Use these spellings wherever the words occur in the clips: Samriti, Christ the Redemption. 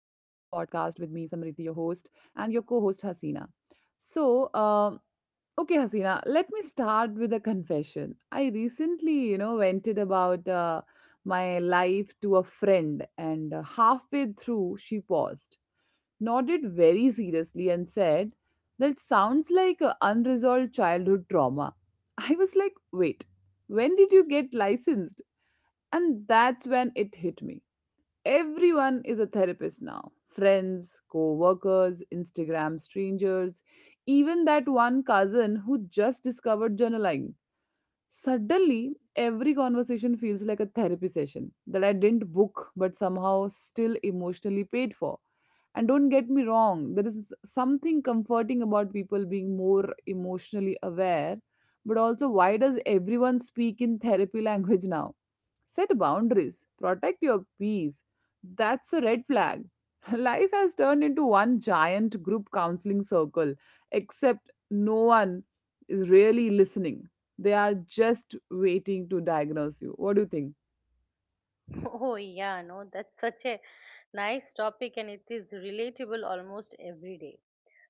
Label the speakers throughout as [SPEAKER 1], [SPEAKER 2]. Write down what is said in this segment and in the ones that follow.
[SPEAKER 1] with me, Samriti, your host, and your co host, Hasina. So, okay, Hasina, let me start with a confession. I recently, vented about my life to a friend, and halfway through, she paused, nodded very seriously, and said, "That sounds like a unresolved childhood trauma." I was like, "Wait, when did you get licensed?" And that's when it hit me. Everyone is a therapist now: friends, co workers, Instagram strangers, even that one cousin who just discovered journaling. Suddenly, every conversation feels like a therapy session that I didn't book but somehow still emotionally paid for. And don't get me wrong, there is something comforting about people being more emotionally aware. But also, why does everyone speak in therapy language now? Set boundaries, protect your peace. That's a red flag. Life has turned into one giant group counseling circle, except no one is really listening. They are just waiting to diagnose you. What do you think?
[SPEAKER 2] Oh, yeah, no, that's such a nice topic and it is relatable almost every day.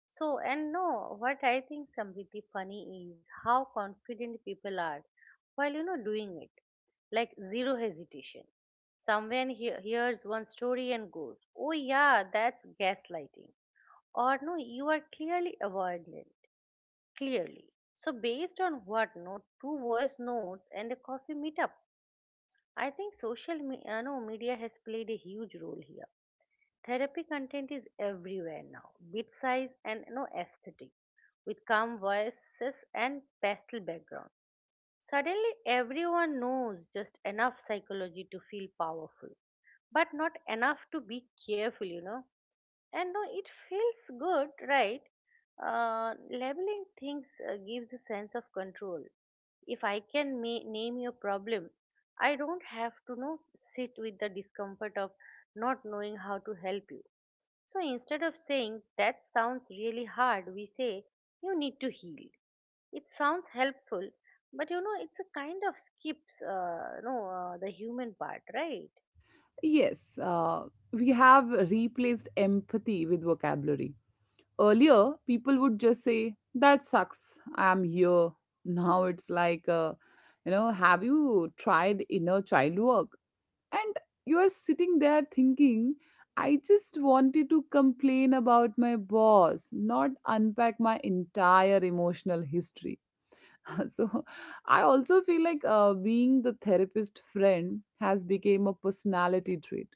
[SPEAKER 2] So, and no, what I think, Samriti, funny is how confident people are while, you know, doing it. Like zero hesitation. Someone hears one story and goes, oh, yeah, that's gaslighting. Or no, you are clearly avoidant, clearly. So, based on what, no, two voice notes and a coffee meetup. I think social no, media has played a huge role here. Therapy content is everywhere now, bit size and no aesthetic, with calm voices and pastel backgrounds. Suddenly, everyone knows just enough psychology to feel powerful, but not enough to be careful. And no, it feels good, right? Labeling things gives a sense of control. If I can name your problem, I don't have to know sit with the discomfort of not knowing how to help you. So instead of saying that sounds really hard, we say you need to heal, it sounds helpful, but it's a kind of skips no the human part, right?
[SPEAKER 1] Yes, we have replaced empathy with vocabulary. Earlier, people would just say, "That sucks, I'm here." Now it's like, have you tried inner child work? And you are sitting there thinking, I just wanted to complain about my boss, not unpack my entire emotional history. So I also feel like being the therapist friend has become a personality trait.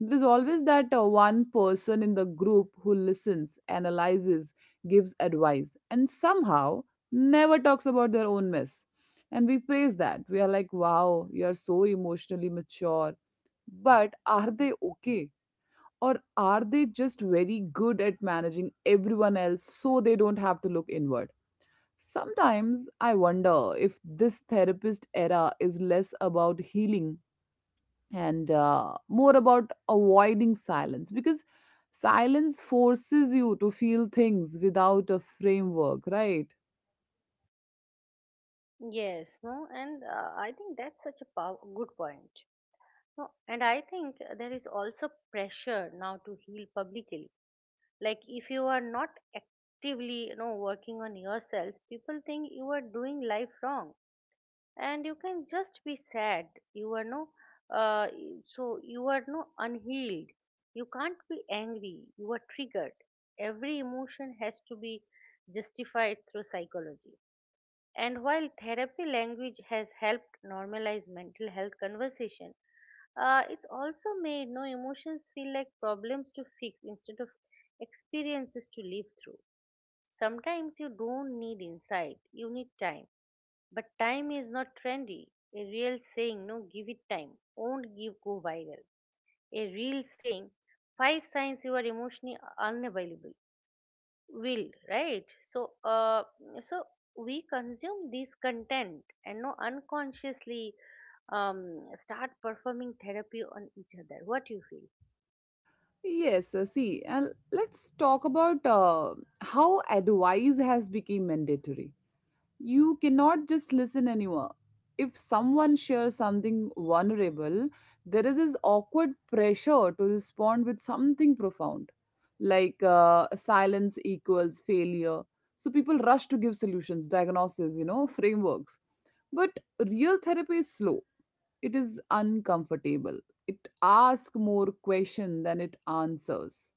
[SPEAKER 1] There's always that one person in the group who listens, analyzes, gives advice, and somehow never talks about their own mess. And we praise that. We are like, "Wow, you are so emotionally mature," but are they okay? Or are they just very good at managing everyone else so they don't have to look inward? Sometimes I wonder if this therapist era is less about healing and more about avoiding silence, because silence forces you to feel things without a framework, right?
[SPEAKER 2] Yes, no, and I think that's such a good point. No, and I think there is also pressure now to heal publicly. Like if you are not actively, working on yourself, people think you are doing life wrong. And you can just be sad, you are no so you are no unhealed, you can't be angry, you are triggered, every emotion has to be justified through psychology. And while therapy language has helped normalize mental health conversation, it's also made no emotions feel like problems to fix instead of experiences to live through. Sometimes you don't need insight, you need time, but time is not trendy. A real saying, no, give it time, won't give go viral. A real saying, five signs you are emotionally unavailable, will, right? So, uh, so we consume this content and no unconsciously start performing therapy on each other. What you feel?
[SPEAKER 1] Yes, see, and let's talk about how advice has become mandatory. You cannot just listen anymore. If someone shares something vulnerable, there is this awkward pressure to respond with something profound, like silence equals failure. So people rush to give solutions, diagnoses, you know, frameworks. But real therapy is slow. It is uncomfortable. It asks more questions than it answers.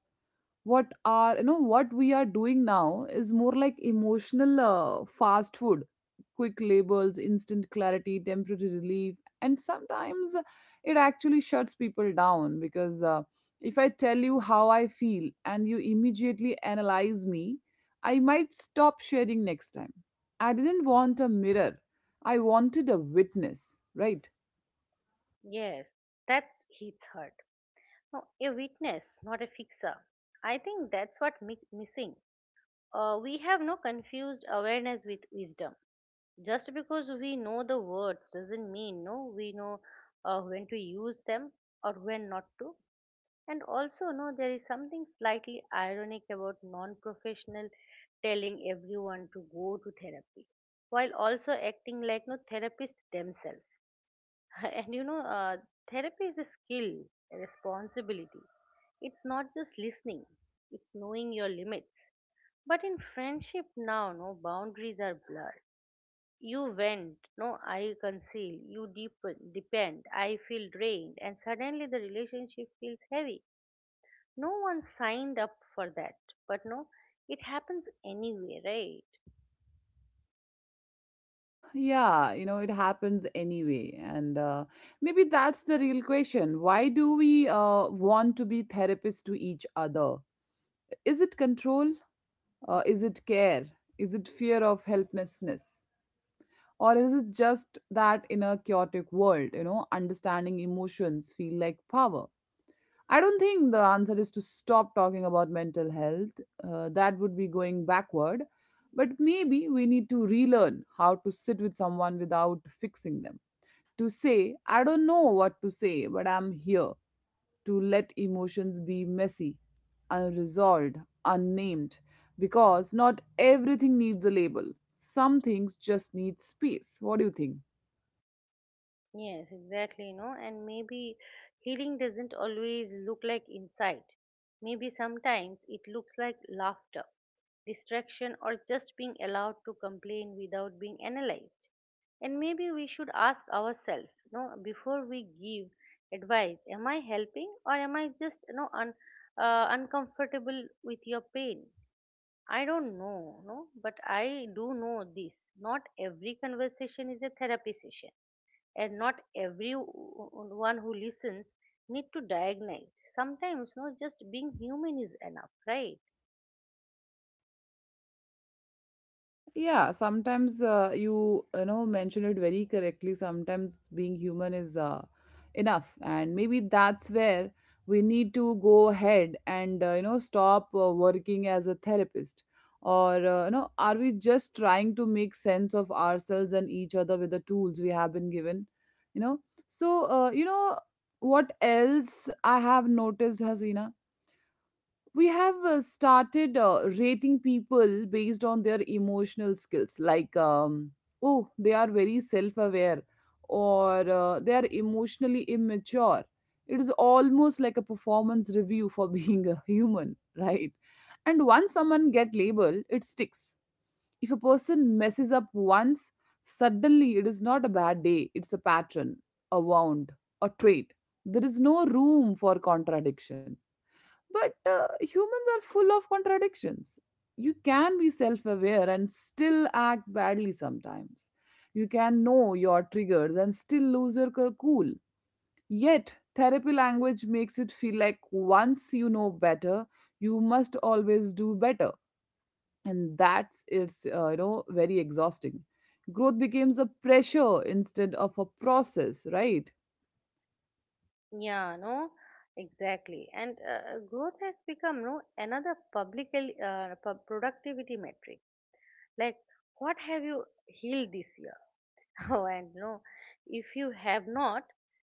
[SPEAKER 1] What we are doing now is more like emotional fast food: quick labels, instant clarity, temporary relief. And sometimes it actually shuts people down, because if I tell you how I feel and you immediately analyze me, I might stop sharing next time. I didn't want a mirror, I wanted a witness, right?
[SPEAKER 2] Yes, that hits hard. No, a witness, not a fixer. I think that's what missing. We have no confused awareness with wisdom. Just because we know the words doesn't mean no we know when to use them, or when not to. And also no there is something slightly ironic about non-professional telling everyone to go to therapy, while also acting like no therapists themselves. And therapy is a skill, a responsibility. It's not just listening, it's knowing your limits. But in friendship now no boundaries are blurred. You vent, no, I conceal, you deepen, depend, I feel drained, and suddenly the relationship feels heavy. No one signed up for that, but no, it happens anyway, right?
[SPEAKER 1] Yeah, it happens anyway. And maybe that's the real question. Why do we want to be therapists to each other? Is it control? Is it care? Is it fear of helplessness? Or is it just that in a chaotic world, understanding emotions feel like power? I don't think the answer is to stop talking about mental health. That would be going backward. But maybe we need to relearn how to sit with someone without fixing them, to say, "I don't know what to say, but I'm here," to let emotions be messy, unresolved, unnamed, because not everything needs a label. Some things just need space. What do you think?
[SPEAKER 2] Yes, exactly, and maybe healing doesn't always look like insight. Maybe sometimes it looks like laughter, distraction, or just being allowed to complain without being analyzed. And maybe we should ask ourselves, before we give advice, am I helping or am I just, uncomfortable with your pain? I don't know, no, but I do know this. Not every conversation is a therapy session, and not everyone who listens need to diagnose. Sometimes no just being human is enough, right?
[SPEAKER 1] Yeah, sometimes you you know mention it very correctly. Sometimes being human is enough, and maybe that's where we need to go ahead and stop working as a therapist. Or are we just trying to make sense of ourselves and each other with the tools we have been given? You know, so you know what else I have noticed, Hasina? We have started rating people based on their emotional skills, like, "Oh, they are very self-aware," or "They are emotionally immature." It is almost like a performance review for being a human, right? And once someone get labeled, it sticks. If a person messes up once, suddenly it is not a bad day, it's a pattern, a wound, a trait. There is no room for contradiction. But humans are full of contradictions. You can be self aware and still act badly sometimes. You can know your triggers and still lose your cool. Yet, therapy language makes it feel like once you know better, you must always do better. And that's it's you know very exhausting. Growth becomes a pressure instead of a process, right?
[SPEAKER 2] Yeah, no, exactly, and growth has become no another public productivity metric. Like, what have you healed this year? Oh, and no, if you have not,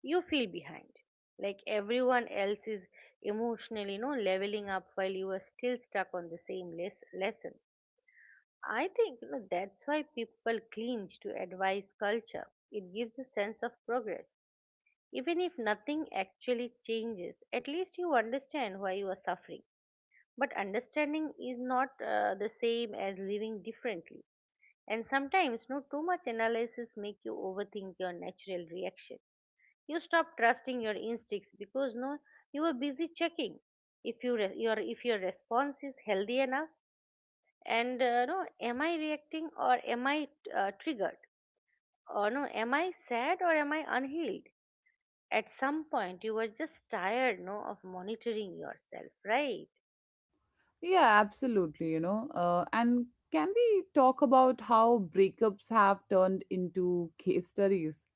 [SPEAKER 2] you feel behind, like everyone else is emotionally no leveling up while you are still stuck on the same lesson. I think, that's why people cling to advice culture. It gives a sense of progress. Even if nothing actually changes, at least you understand why you are suffering. But understanding is not the same as living differently. And sometimes, no, too much analysis make you overthink your natural reaction. You stop trusting your instincts because no, you are busy checking if your response is healthy enough. And no, am I reacting or am I triggered? Or no, am I sad or am I unhealed? At some point you were just tired no of monitoring yourself, right?
[SPEAKER 1] Yeah, absolutely. And can we talk about how breakups have turned into case studies?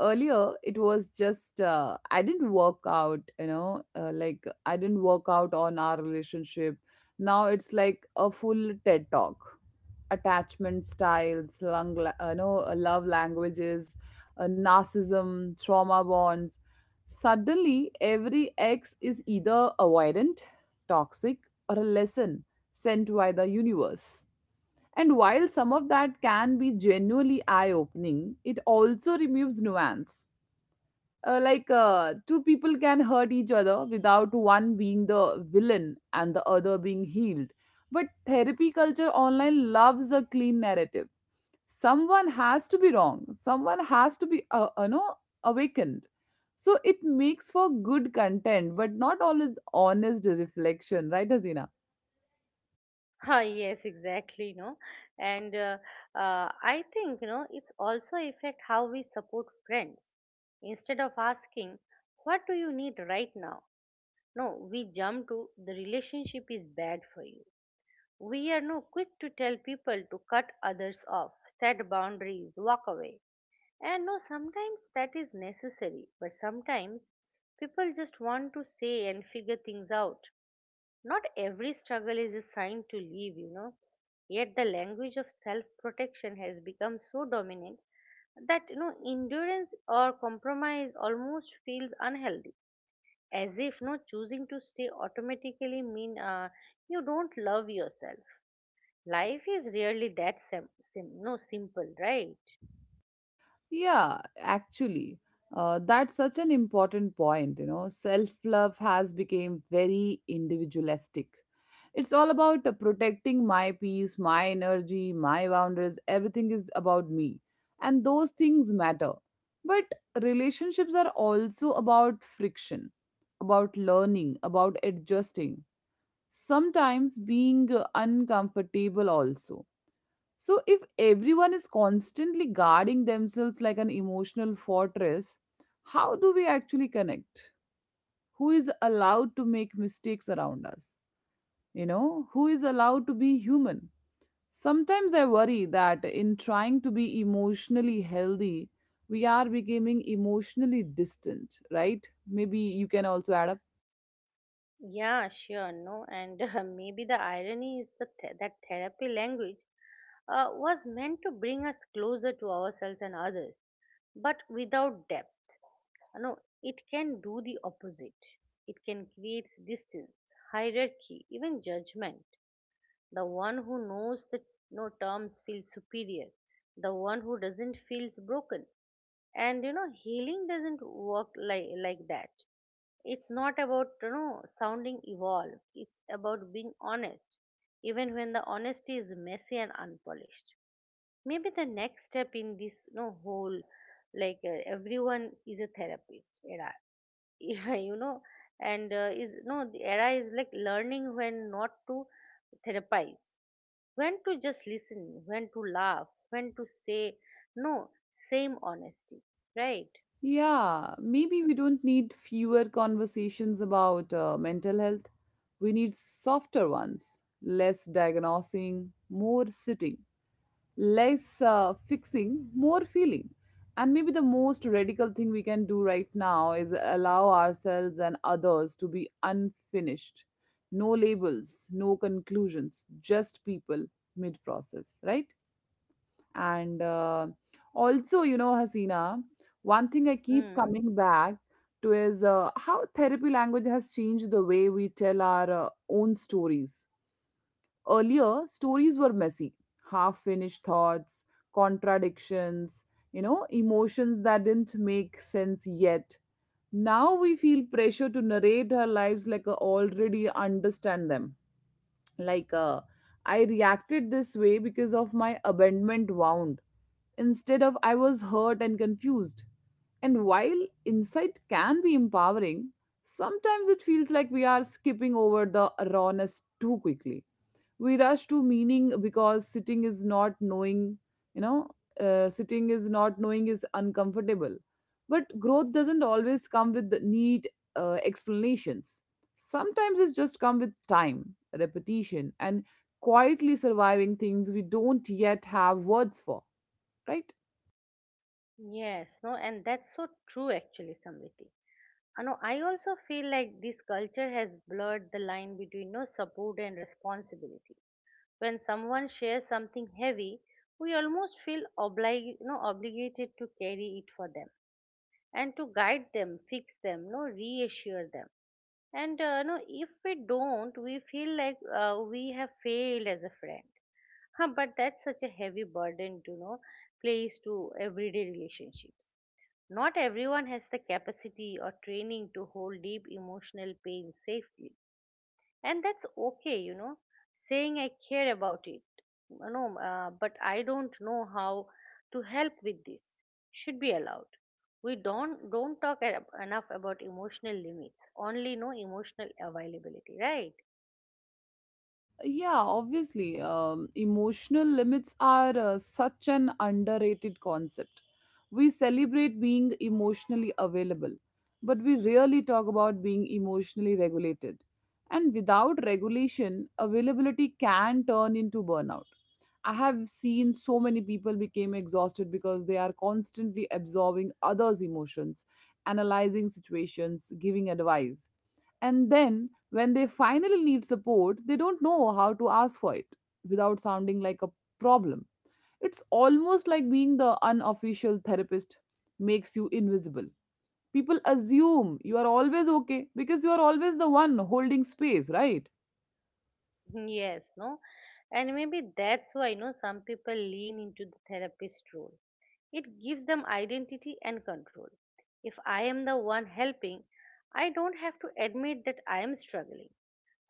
[SPEAKER 1] Earlier, it was just "I didn't work out." Like, "I didn't work out on our relationship." Now it's like a full TED talk. Attachment styles, lung, la- no, love languages, narcissism, trauma bonds. Suddenly, every ex is either avoidant, toxic, or a lesson sent by the universe. And while some of that can be genuinely eye opening, it also removes nuance. Like, two people can hurt each other without one being the villain and the other being healed. But therapy culture online loves a clean narrative. Someone has to be wrong, someone has to be awakened. So it makes for good content but not always honest reflection, right, Azina?
[SPEAKER 2] Ah, yes, exactly, no. And I think, it's also affect how we support friends. Instead of asking, what do you need right now? No, we jump to the relationship is bad for you. We are no quick to tell people to cut others off, set boundaries, walk away. And no, sometimes that is necessary, but sometimes people just want to say and figure things out. Not every struggle is a sign to leave. Yet the language of self protection has become so dominant that endurance or compromise almost feels unhealthy, as if no choosing to stay automatically mean you don't love yourself. Life is really that no simple, right?
[SPEAKER 1] Yeah, actually, that's such an important point. You know, self-love has become very individualistic. It's all about protecting my peace, my energy, my boundaries. Everything is about me, and those things matter. But relationships are also about friction, about learning, about adjusting. Sometimes being uncomfortable also. So, if everyone is constantly guarding themselves like an emotional fortress, how do we actually connect? Who is allowed to make mistakes around us? You know, who is allowed to be human? Sometimes I worry that in trying to be emotionally healthy, we are becoming emotionally distant, right? Maybe you can also add up.
[SPEAKER 2] Yeah, sure, no, and maybe the irony is that therapy language was meant to bring us closer to ourselves and others, but without depth. No, it can do the opposite. It can create distance, hierarchy, even judgment. The one who knows that no terms feels superior. The one who doesn't feels broken. And healing doesn't work like that. It's not about sounding evolved. It's about being honest, even when the honesty is messy and unpolished. Maybe the next step in this whole like everyone is a therapist era. Yeah, and is no the era is like learning when not to therapize, when to just listen, when to laugh, when to say no, same honesty, right?
[SPEAKER 1] Yeah, maybe we don't need fewer conversations about mental health. We need softer ones: less diagnosing, more sitting, less fixing, more feeling. And maybe the most radical thing we can do right now is allow ourselves and others to be unfinished. No labels, no conclusions, just people mid process, right? And also, Hasina, one thing I keep
[SPEAKER 2] Mm,
[SPEAKER 1] coming back to is how therapy language has changed the way we tell our own stories. Earlier, stories were messy: half finished thoughts, contradictions, emotions that didn't make sense yet. Now we feel pressure to narrate our lives like I already understand them, like, I reacted this way because of my abandonment wound, instead of I was hurt and confused. And while insight can be empowering, sometimes it feels like we are skipping over the rawness too quickly. We rush to meaning because sitting is not knowing. you know Sitting is not knowing is uncomfortable, but growth doesn't always come with neat explanations. Sometimes it's just come with time, repetition, and quietly surviving things we don't yet have words for, right?
[SPEAKER 2] yes, no, and that's so true actually, Samriti. No, I also feel like this culture has blurred the line between no support and responsibility. When someone shares something heavy, we almost feel no, obligated to carry it for them and to guide them, fix them, no, reassure them. And no, if we don't, we feel like we have failed as a friend. Huh, but that's such a heavy burden to place to everyday relationships. Not everyone has the capacity or training to hold deep emotional pain safely, and that's okay. Saying I care about it, but I don't know how to help with this, should be allowed. We don't talk enough about emotional limits, only no emotional availability, right?
[SPEAKER 1] Yeah, obviously. Emotional limits are such an underrated concept. We celebrate being emotionally available, but we rarely talk about being emotionally regulated. And without regulation, availability can turn into burnout. I have seen so many people became exhausted because they are constantly absorbing others' emotions, analyzing situations, giving advice. And then when they finally need support, they don't know how to ask for it without sounding like a problem. It's almost like being the unofficial therapist makes you invisible. People assume you are always okay because you are always the one holding space, right?
[SPEAKER 2] Yes, no, and maybe that's why some people lean into the therapist role. It gives them identity and control. If I am the one helping, I don't have to admit that I am struggling.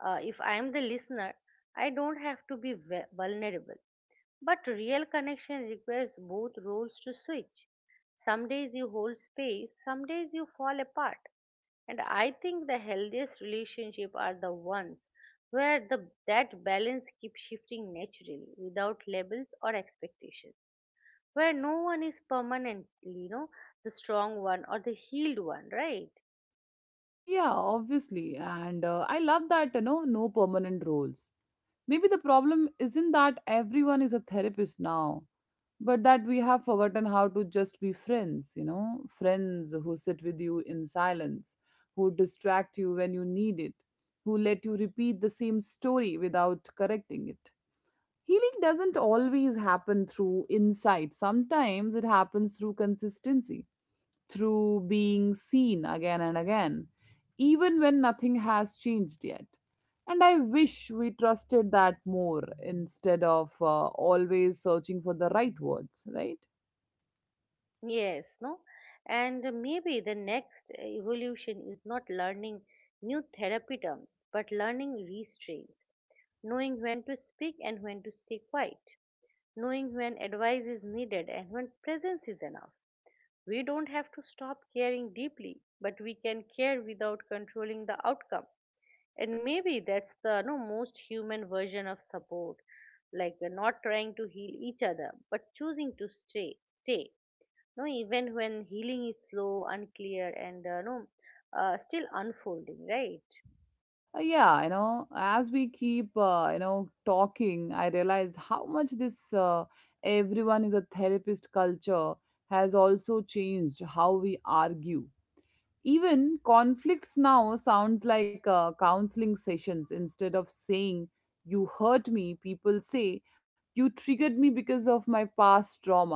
[SPEAKER 2] If I am the listener, I don't have to be vulnerable. But real connection requires both roles to switch. Some days you hold space, some days you fall apart. And I think the healthiest relationships are the ones where that balance keeps shifting naturally without labels or expectations. Where no one is permanently, the strong one or the healed one, right?
[SPEAKER 1] Yeah, obviously. And I love that, no permanent roles. Maybe the problem isn't that everyone is a therapist now, but that we have forgotten how to just be friends, you know, friends who sit with you in silence, who distract you when you need it, who let you repeat the same story without correcting it. Healing doesn't always happen through insight, sometimes it happens through consistency, through being seen again and again, even when nothing has changed yet. And I wish we trusted that more, instead of always searching for the right words, right?
[SPEAKER 2] Yes, no? And maybe the next evolution is not learning new therapy terms, but learning restraints, knowing when to speak and when to stay quiet, knowing when advice is needed and when presence is enough. We don't have to stop caring deeply, but we can care without controlling the outcome. And maybe that's the no, most human version of support, like not trying to heal each other, but choosing to stay, no even when healing is slow, unclear, and no still unfolding, right?
[SPEAKER 1] Yeah, as we keep, talking, I realize how much this everyone is a therapist culture has also changed how we argue. Even conflicts now sounds like counseling sessions. Instead of saying, "you hurt me," people say, "you triggered me because of my past trauma,"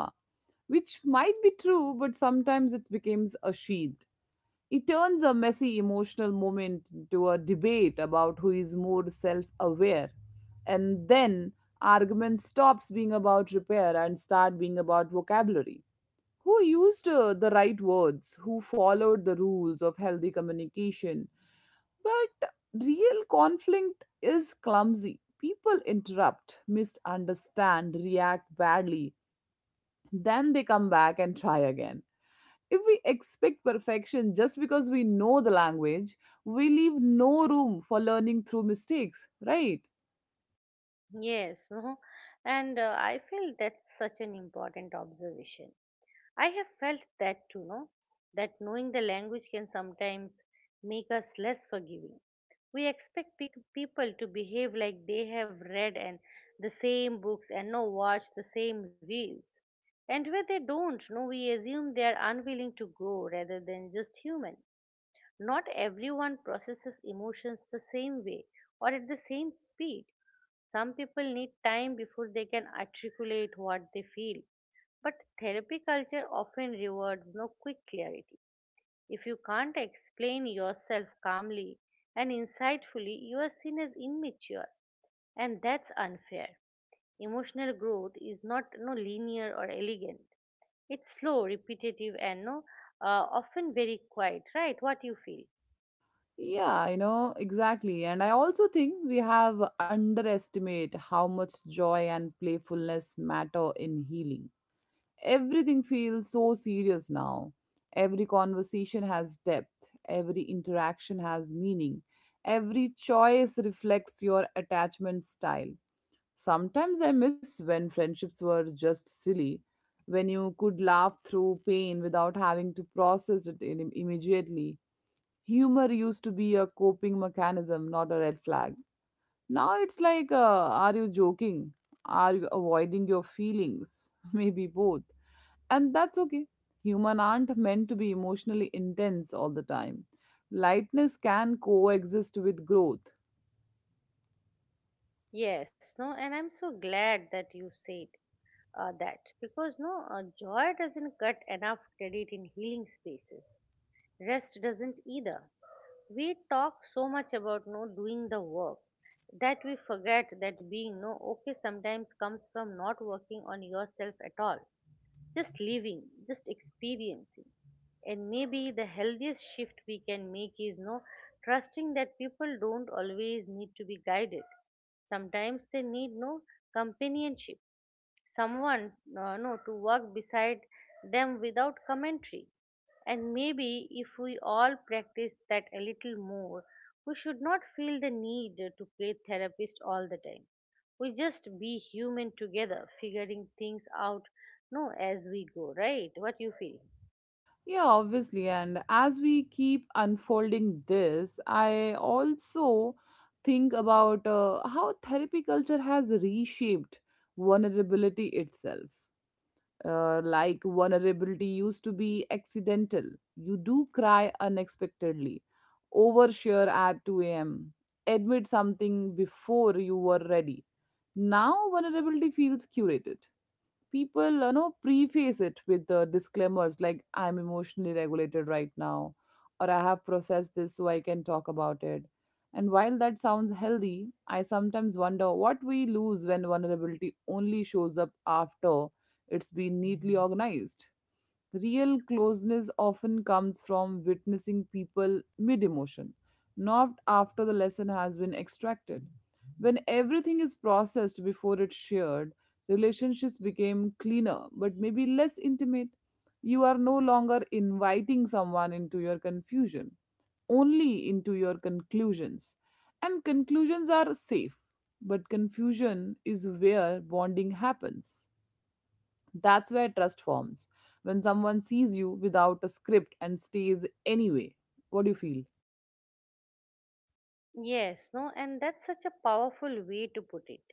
[SPEAKER 1] which might be true, but sometimes it becomes a shield. It turns a messy emotional moment into a debate about who is more self aware. And then argument stops being about repair and start being about vocabulary, who used the right words, who followed the rules of healthy communication. But real conflict is clumsy. People interrupt, misunderstand, react badly, then they come back and try again. If we expect perfection just because we know the language, we leave no room for learning through mistakes, right?
[SPEAKER 2] Yes, no, and I feel that's such an important observation. I have felt that too, no, that knowing the language can sometimes make us less forgiving. We expect people to behave like they have read and the same books and no watch the same reels, and where they don't no we assume they are unwilling to grow rather than just human. Not everyone processes emotions the same way or at the same speed. Some people need time before they can articulate what they feel. But therapy culture often rewards no quick clarity. If you can't explain yourself calmly and insightfully, you are seen as immature, and that's unfair. Emotional growth is not no linear or elegant. It's slow, repetitive, and no often very quiet. Right? What you feel?
[SPEAKER 1] Yeah, exactly. And I also think we have underestimate how much joy and playfulness matter in healing. Everything feels so serious now. Every conversation has depth, every interaction has meaning, every choice reflects your attachment style. Sometimes I miss when friendships were just silly, when you could laugh through pain without having to process it immediately. Humor used to be a coping mechanism, not a red flag. Now it's like, are you joking? Are you avoiding your feelings? Maybe both. And that's okay. Human aren't meant to be emotionally intense all the time. Lightness can coexist with growth.
[SPEAKER 2] Yes, no, and I'm so glad that you said that, because no, joy doesn't cut enough credit in healing spaces. Rest doesn't either. We talk so much about no doing the work, that we forget that being no okay sometimes comes from not working on yourself at all, just living, just experiencing. And maybe the healthiest shift we can make is no trusting that people don't always need to be guided. Sometimes they need companionship, someone no to work beside them without commentary. And maybe if we all practice that a little more, we should not feel the need to play therapist all the time. We just be human together figuring things out no as we go, right? What you feel?
[SPEAKER 1] Yeah, obviously. And as we keep unfolding this, I also think about how therapy culture has reshaped vulnerability itself. Like vulnerability used to be accidental. You do cry unexpectedly, overshare at 2 a.m., admit something before you were ready. Now, vulnerability feels curated. People preface it with the disclaimers like, I'm emotionally regulated right now, or I have processed this so I can talk about it. And while that sounds healthy, I sometimes wonder what we lose when vulnerability only shows up after it's been neatly organized. Real closeness often comes from witnessing people mid emotion, not after the lesson has been extracted. When everything is processed before it's shared, relationships became cleaner, but maybe less intimate. You are no longer inviting someone into your confusion, only into your conclusions. And conclusions are safe, but confusion is where bonding happens. That's where trust forms, when someone sees you without a script and stays anyway. What do you feel?
[SPEAKER 2] Yes, no, and that's such a powerful way to put it.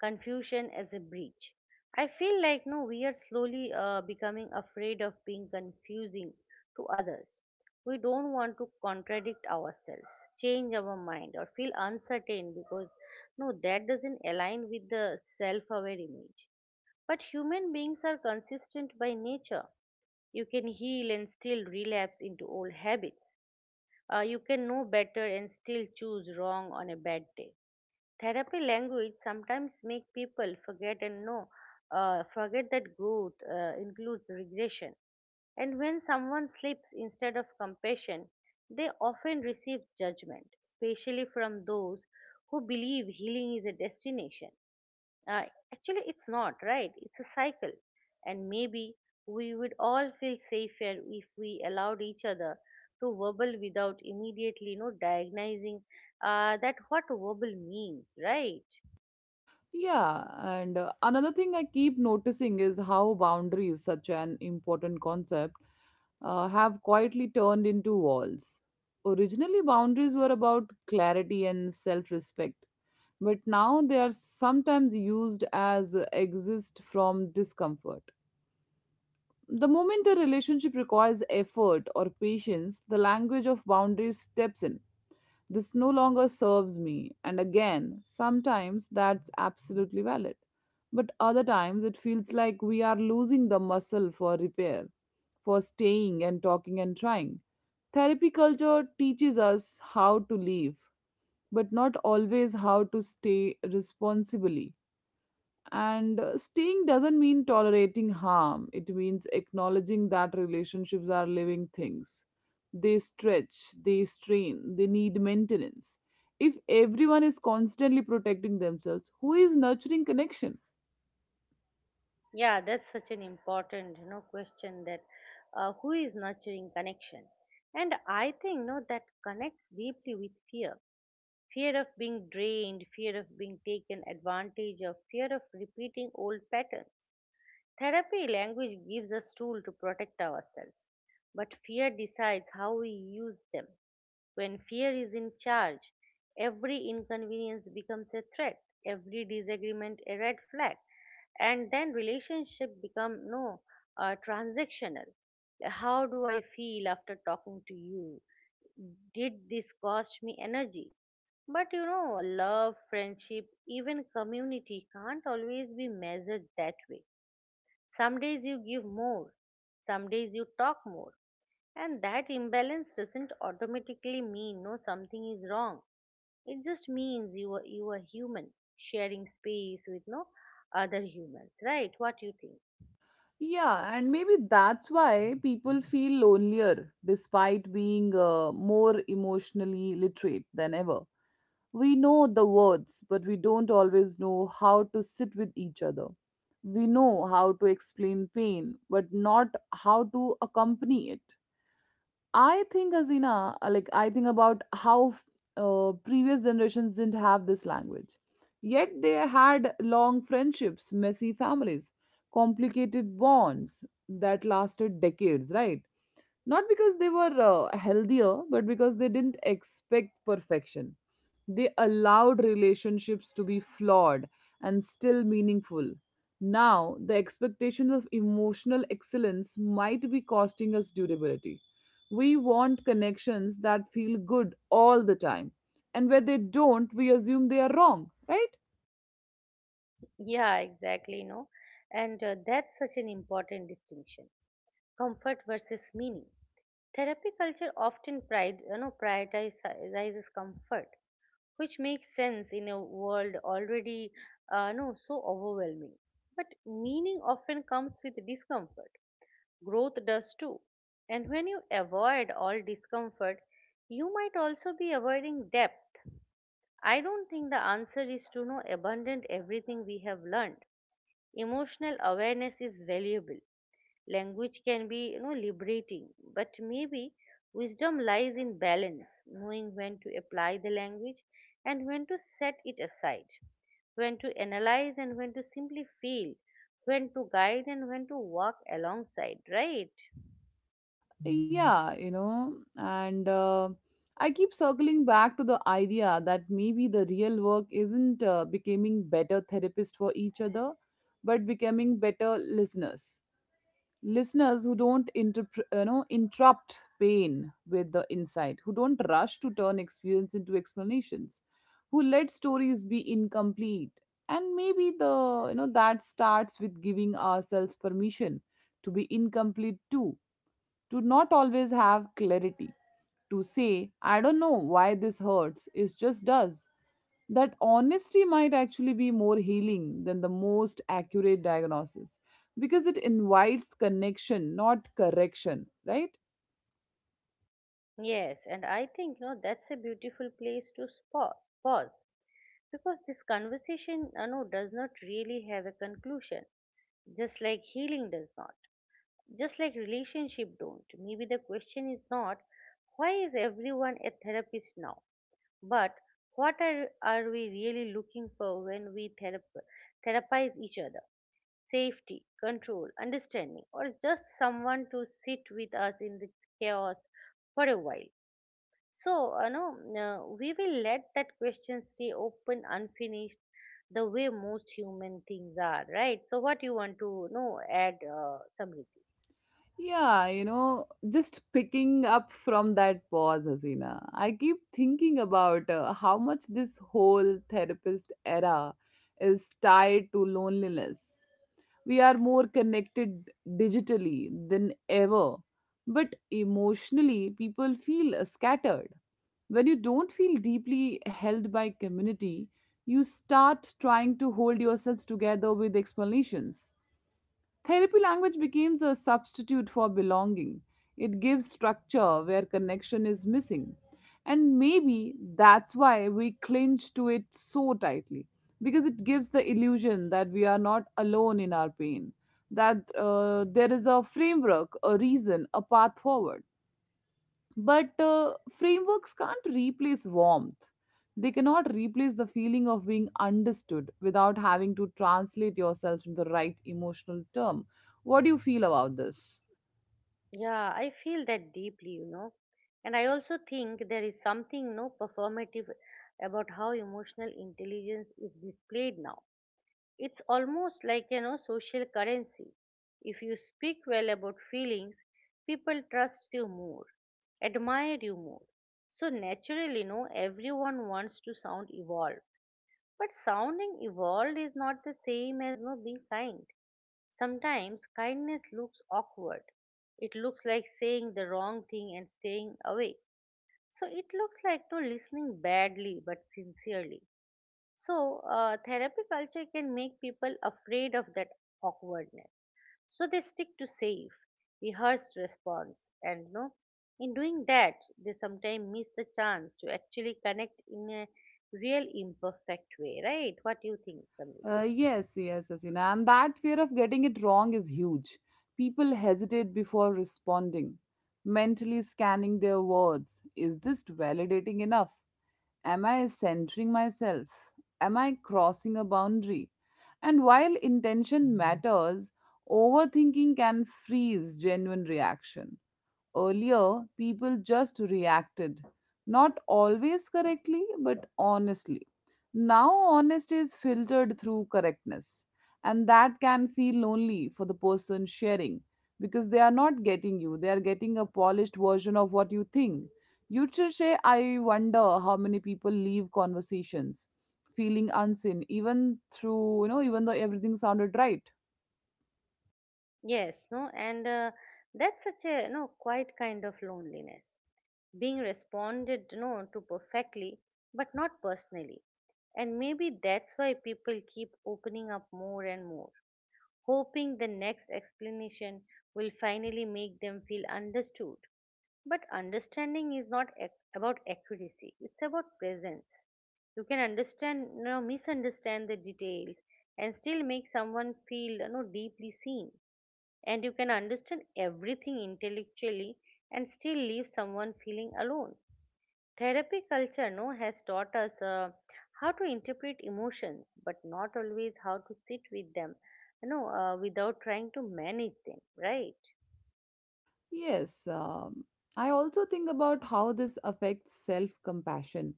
[SPEAKER 2] Confusion as a bridge. I feel like no, we are slowly becoming afraid of being confusing to others. We don't want to contradict ourselves, change our mind, or feel uncertain because no, that doesn't align with the self-aware image. But human beings are consistent by nature. You can heal and still relapse into old habits. You can know better and still choose wrong on a bad day. Therapy language sometimes make people forget that growth includes regression. And when someone slips instead of compassion, they often receive judgment, especially from those who believe healing is a destination. Uh, Actually, it's not, right? It's a cycle. And maybe we would all feel safer if we allowed each other to verbal without immediately diagnosing that what verbal means, right?
[SPEAKER 1] Yeah, and another thing I keep noticing is how boundaries, such an important concept, have quietly turned into walls. Originally, boundaries were about clarity and self respect, but now they are sometimes used as exist from discomfort. The moment a relationship requires effort or patience, the language of boundaries steps in. This no longer serves me. And again, sometimes that's absolutely valid. But other times it feels like we are losing the muscle for repair, for staying and talking and trying. Therapy culture teaches us how to live, but not always how to stay responsibly. And staying doesn't mean tolerating harm, it means acknowledging that relationships are living things. They stretch, they strain, they need maintenance. If everyone is constantly protecting themselves, who is nurturing connection?
[SPEAKER 2] Yeah, that's such an important, question that who is nurturing connection? And I think, no, that connects deeply with fear. Fear of being drained, fear of being taken advantage of, fear of repeating old patterns. Therapy language gives us tools to protect ourselves, but fear decides how we use them. When fear is in charge, every inconvenience becomes a threat, every disagreement a red flag, and then relationship become no transactional. How do I feel after talking to you? Did this cost me energy? But love, friendship, even community can't always be measured that way. Some days you give more, some days you talk more, and that imbalance doesn't automatically mean no something is wrong. It just means you are human, sharing space with no other humans, right? What you think?
[SPEAKER 1] Yeah, and maybe that's why people feel lonelier despite being more emotionally literate than ever. We know the words, but we don't always know how to sit with each other. We know how to explain pain, but not how to accompany it. I think, Azina, like I think about how previous generations didn't have this language. Yet they had long friendships, messy families, complicated bonds that lasted decades, right? Not because they were healthier, but because they didn't expect perfection. They allowed relationships to be flawed and still meaningful. Now the expectation of emotional excellence might be costing us durability. We want connections that feel good all the time, and where they don't, we assume they are wrong, right?
[SPEAKER 2] Yeah, exactly. And that's such an important distinction. Comfort versus meaning. Therapy culture often prioritizes comfort, which makes sense in a world already no so overwhelming. But meaning often comes with discomfort. Growth does too. And when you avoid all discomfort, you might also be avoiding depth. I don't think the answer is to know abundant everything we have learned. Emotional awareness is valuable. Language can be liberating, but maybe wisdom lies in balance, knowing when to apply the language and when to set it aside, when to analyze and when to simply feel, when to guide and when to walk alongside, right?
[SPEAKER 1] Yeah, and I keep circling back to the idea that maybe the real work isn't becoming better therapists for each other, but becoming better listeners. Listeners who don't interrupt pain with the insight, who don't rush to turn experience into explanations, who let stories be incomplete. And maybe the you know that starts with giving ourselves permission to be incomplete too, to not always have clarity, to say, I don't know why this hurts, it just does. That honesty might actually be more healing than the most accurate diagnosis, because it invites connection, not correction, right?
[SPEAKER 2] Yes, and I think that's a beautiful place to pause, because this conversation does not really have a conclusion, just like healing does not. Just like relationship don't. Maybe the question is not why is everyone a therapist now, but what are we really looking for when we therapize each other. Safety, control, understanding, or just someone to sit with us in the chaos for a while. So we will let that question stay open, unfinished, the way most human things are, right? So what you want to know, add something?
[SPEAKER 1] Yeah, just picking up from that pause, Hasina, I keep thinking about how much this whole therapist era is tied to loneliness. We are more connected digitally than ever, but emotionally, people feel scattered. When you don't feel deeply held by community, you start trying to hold yourself together with explanations. Therapy language becomes a substitute for belonging. It gives structure where connection is missing. And maybe that's why we clinch to it so tightly, because it gives the illusion that we are not alone in our pain, that there is a framework, a reason, a path forward. But frameworks can't replace warmth. They cannot replace the feeling of being understood without having to translate yourself into the right emotional term. What do you feel about this?
[SPEAKER 2] Yeah, I feel that deeply. And I also think there is something no performative about how emotional intelligence is displayed now. It's almost like social currency. If you speak well about feelings, people trust you more, admire you more. So naturally, no, everyone wants to sound evolved. But sounding evolved is not the same as no being kind. Sometimes kindness looks awkward. It looks like saying the wrong thing and staying away. So it looks like no listening badly but sincerely. So therapy culture can make people afraid of that awkwardness. So they stick to safe, rehearsed response, and no. In doing that, they sometimes miss the chance to actually connect in a real imperfect way, right? What do you think, Samit?
[SPEAKER 1] Yes, yes, yes. Hina. And that fear of getting it wrong is huge. People hesitate before responding, mentally scanning their words. Is this validating enough? Am I centering myself? Am I crossing a boundary? And while intention matters, overthinking can freeze genuine reaction. Earlier, people just reacted, not always correctly, but honestly. Now, honesty is filtered through correctness, and that can feel lonely for the person sharing, because they are not getting you, they are getting a polished version of what you think. You should say, I wonder how many people leave conversations feeling unseen, even even though everything sounded right.
[SPEAKER 2] Yes, no, and that's such a no quiet kind of loneliness, being responded to perfectly, but not personally. And maybe that's why people keep opening up more and more, hoping the next explanation will finally make them feel understood. But understanding is not about accuracy; it's about presence. You can misunderstand the details, and still make someone feel deeply seen. And you can understand everything intellectually and still leave someone feeling alone. Therapy culture no has taught us how to interpret emotions, but not always how to sit with them without trying to manage them, right?
[SPEAKER 1] Yes, I also think about how this affects self compassion.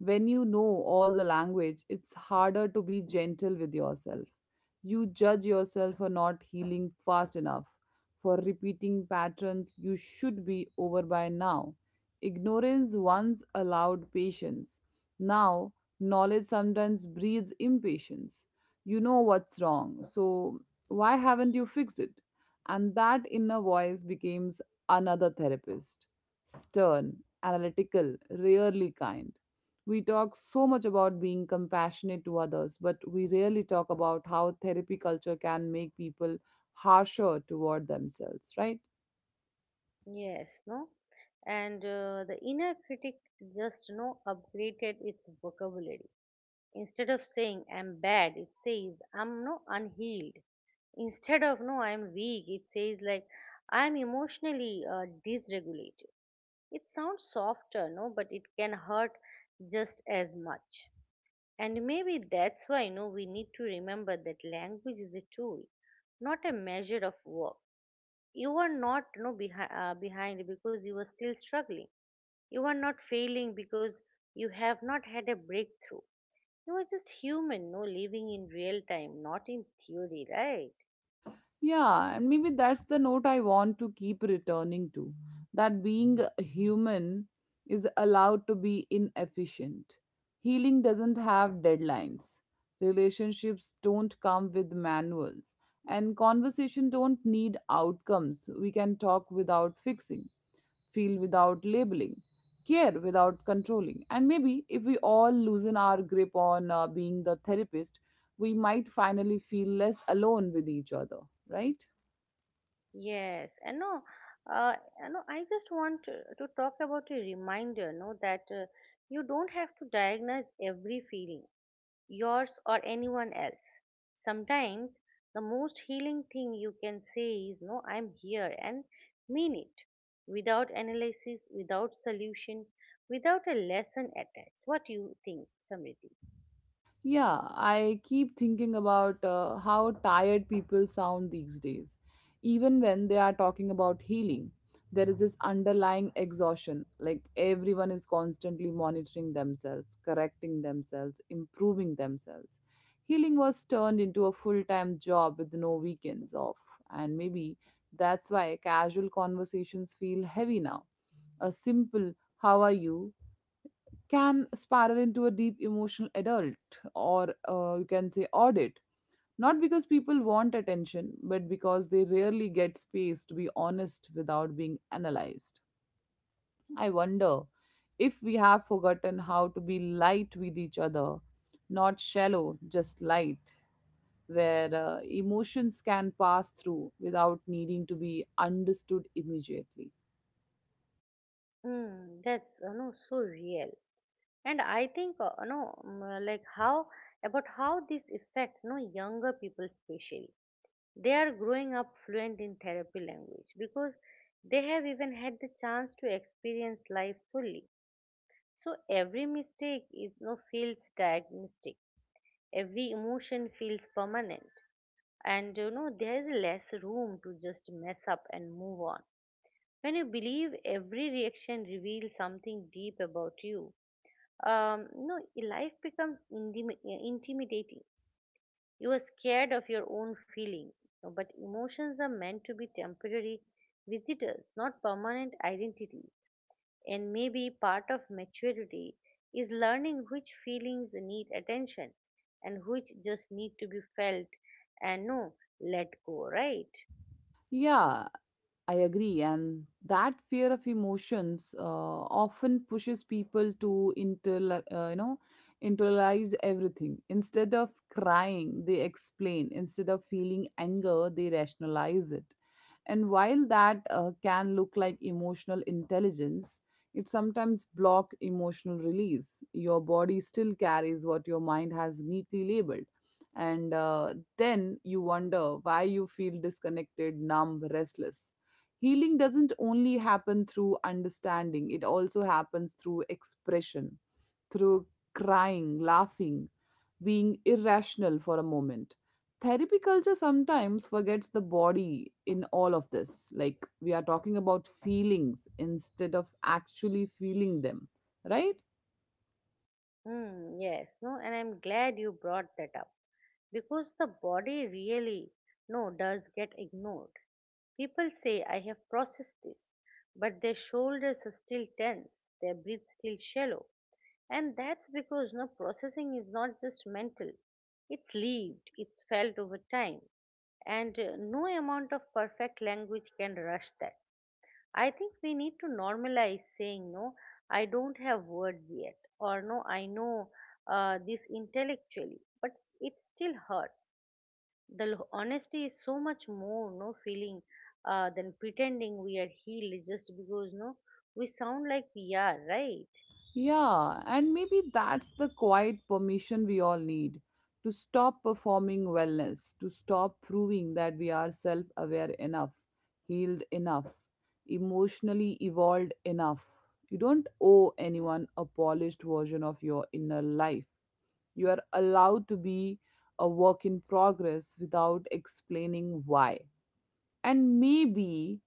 [SPEAKER 1] When you know all the language, it's harder to be gentle with yourself. You judge yourself for not healing fast enough, for repeating patterns you should be over by now. Ignorance once allowed patience. Now, knowledge sometimes breeds impatience. You know what's wrong, so why haven't you fixed it? And that inner voice becomes another therapist, stern, analytical, rarely kind. We talk so much about being compassionate to others, but we rarely talk about how therapy culture can make people harsher toward themselves, right?
[SPEAKER 2] Yes, no, and the inner critic just no upgraded its vocabulary. Instead of saying I'm bad, it says I'm unhealed. Instead of no I'm weak, it says like I'm emotionally dysregulated. It sounds softer, no, but it can hurt just as much. And maybe that's why no we need to remember that language is a tool, not a measure of work. You are not no behi- behind because you are still struggling. You are not failing because you have not had a breakthrough. You are just human, no, living in real time, not in theory, right?
[SPEAKER 1] Yeah, and maybe that's the note I want to keep returning to, that being human is allowed to be inefficient. Healing doesn't have deadlines, relationships don't come with manuals, and conversation don't need outcomes. We can talk without fixing, feel without labeling, care without controlling. And maybe if we all loosen our grip on being the therapist, we might finally feel less alone with each other, right?
[SPEAKER 2] Yes, and no, uh, I just want to talk about a reminder, no, that you don't have to diagnose every feeling, yours or anyone else. Sometimes the most healing thing you can say is, no, I'm here and mean it, without analysis, without solution, without a lesson attached. What do you think, Samriti?
[SPEAKER 1] Yeah, I keep thinking about how tired people sound these days. Even when they are talking about healing, there is this underlying exhaustion. Like everyone is constantly monitoring themselves, correcting themselves, improving themselves. Healing was turned into a full time job with no weekends off. And maybe that's why casual conversations feel heavy now. A simple, how are you? Can spiral into a deep emotional adult, or you can say audit, not because people want attention, but because they rarely get space to be honest without being analyzed. I wonder if we have forgotten how to be light with each other, not shallow, just light, where emotions can pass through without needing to be understood immediately.
[SPEAKER 2] Mm, that's so real. And I think no mm, like how about how this affects no younger people especially. They are growing up fluent in therapy language because they have even had the chance to experience life fully. So every mistake is no feels diagnostic. Every emotion feels permanent. And there is less room to just mess up and move on. When you believe every reaction reveals something deep about you, no life becomes intimidating. You are scared of your own feeling. But emotions are meant to be temporary visitors, not permanent identities. And maybe part of maturity is learning which feelings need attention and which just need to be felt, and no let go, right?
[SPEAKER 1] Yeah, I agree. And that fear of emotions often pushes people to internalize everything. Instead of crying, they explain. Instead of feeling anger, they rationalize it. And while that can look like emotional intelligence, it sometimes block emotional release. Your body still carries what your mind has neatly labeled. And then you wonder why you feel disconnected, numb, restless. Healing doesn't only happen through understanding, it also happens through expression, through crying, laughing, being irrational for a moment. Therapy culture sometimes forgets the body in all of this. Like we are talking about feelings instead of actually feeling them, right?
[SPEAKER 2] Hmm, yes, no, and I'm glad you brought that up, because the body really no does get ignored. People say, I have processed this, but their shoulders are still tense, their breath still shallow. And that's because processing is not just mental, it's lived, it's felt over time. And no amount of perfect language can rush that. I think we need to normalize saying, no, I don't have words yet, or no, I know this intellectually, but it still hurts. The honesty is so much more no feeling than pretending we are healed just because no we sound like we are, right.
[SPEAKER 1] Yeah, and maybe that's the quiet permission we all need, to stop performing wellness, to stop proving that we are self aware enough, healed enough, emotionally evolved enough. You don't owe anyone a polished version of your inner life. You are allowed to be a work in progress without explaining why. And maybe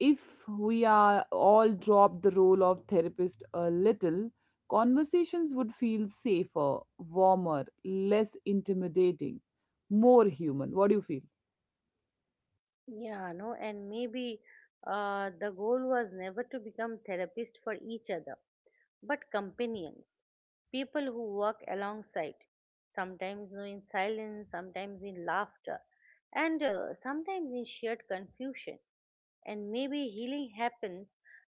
[SPEAKER 1] if we are all drop the role of therapist a little, conversations would feel safer, warmer, less intimidating, more human. What do you feel?
[SPEAKER 2] Yeah, no, and maybe the goal was never to become therapist for each other, but companions, people who work alongside, sometimes no in silence, sometimes in laughter, and sometimes in shared confusion. And maybe healing happens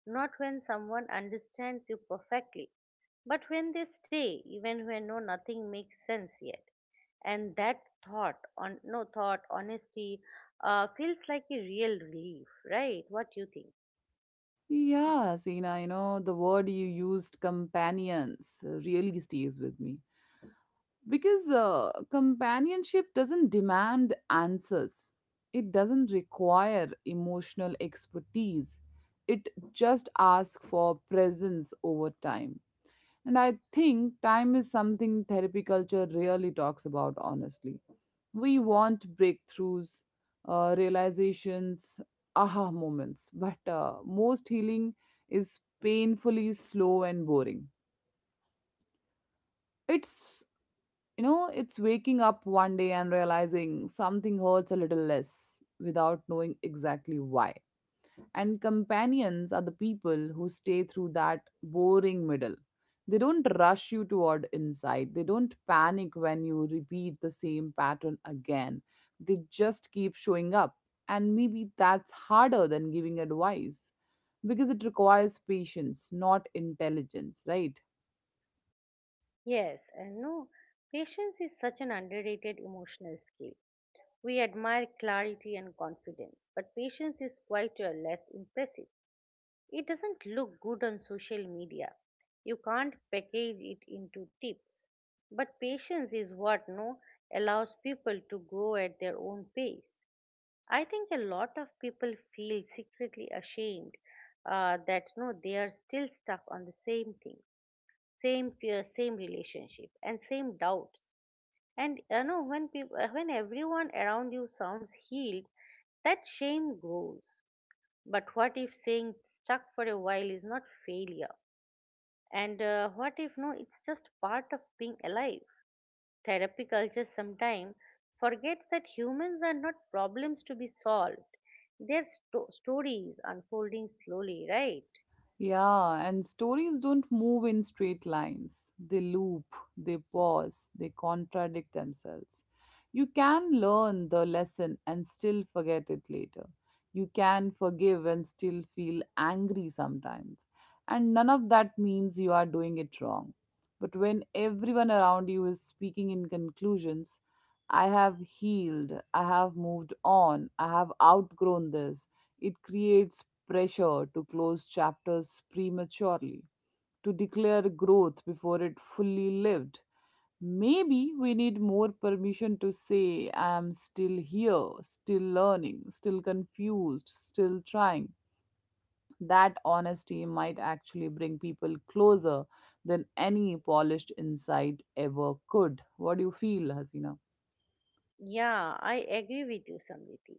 [SPEAKER 2] not when someone understands you perfectly, but when they stay, even when nothing makes sense yet. And that thought, on no thought, honesty, feels like a real relief, right? What you think?
[SPEAKER 1] Yeah, Sina, the word you used, companions, really stays with me, because companionship doesn't demand answers, it doesn't require emotional expertise, it just asks for presence over time. And I think time is something therapy culture really talks about honestly. We want breakthroughs, realizations, aha moments, but most healing is painfully slow and boring. It's it's waking up one day and realizing something hurts a little less without knowing exactly why. And companions are the people who stay through that boring middle. They don't rush you toward insight, they don't panic when you repeat the same pattern again. They just keep showing up. And maybe that's harder than giving advice, because it requires patience, not intelligence, right?
[SPEAKER 2] Yes, and no, patience is such an underrated emotional skill. We admire clarity and confidence, but patience is quite a less impressive. It doesn't look good on social media. You can't package it into tips. But patience is what no allows people to grow at their own pace. I think a lot of people feel secretly ashamed that no they are still stuck on the same thing, same fear, same relationship, and same doubts. And when everyone around you sounds healed, that shame grows. But what if saying stuck for a while is not failure? And what if no, it's just part of being alive? Therapy culture sometimes forgets that humans are not problems to be solved. They're stories unfolding slowly, right?
[SPEAKER 1] Yeah, and stories don't move in straight lines. They loop, they pause, they contradict themselves. You can learn the lesson and still forget it later. You can forgive and still feel angry sometimes. And none of that means you are doing it wrong. But when everyone around you is speaking in conclusions, I have healed, I have moved on, I have outgrown this, it creates pressure to close chapters prematurely, to declare growth before it fully lived. Maybe we need more permission to say, I am still here, still learning, still confused, still trying. That honesty might actually bring people closer than any polished insight ever could. What do you feel, Hasina?
[SPEAKER 2] Yeah, I agree with you, Samriti.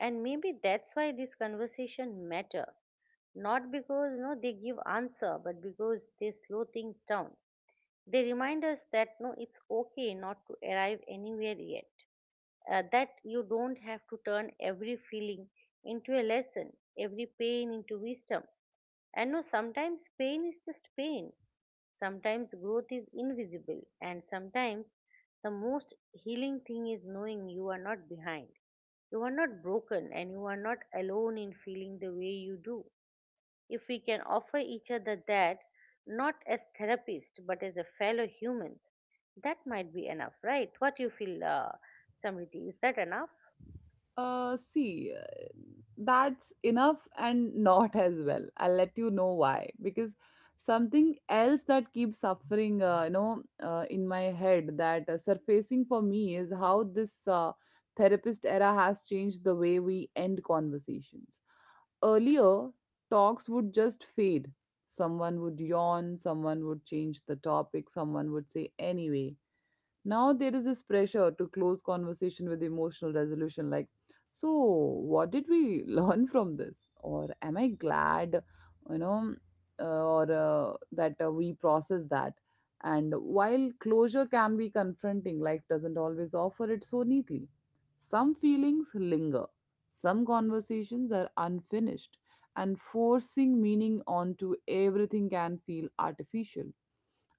[SPEAKER 2] And maybe that's why this conversation matter. Not because no, they give answer, but because they slow things down. They remind us that it's okay not to arrive anywhere yet, that you don't have to turn every feeling into a lesson, every pain into wisdom. And no, sometimes pain is just pain. Sometimes growth is invisible, and sometimes the most healing thing is knowing you are not behind. You are not broken, and you are not alone in feeling the way you do. If we can offer each other that, not as therapists but as a fellow humans, that might be enough, right? What you feel, Samriti, is that enough?
[SPEAKER 1] See, that's enough and not as well. I'll let you know why. Because something else that keeps suffering, in my head that surfacing for me is how this therapist era has changed the way we end conversations. Earlier, talks would just fade. Someone would yawn, someone would change the topic, someone would say, anyway. Now there is this pressure to close conversation with emotional resolution like, so what did we learn from this? Or am I glad, you know, uh, or uh, that uh, we process that? And while closure can be confronting, life doesn't always offer it so neatly. Some feelings linger, some conversations are unfinished, and forcing meaning onto everything can feel artificial.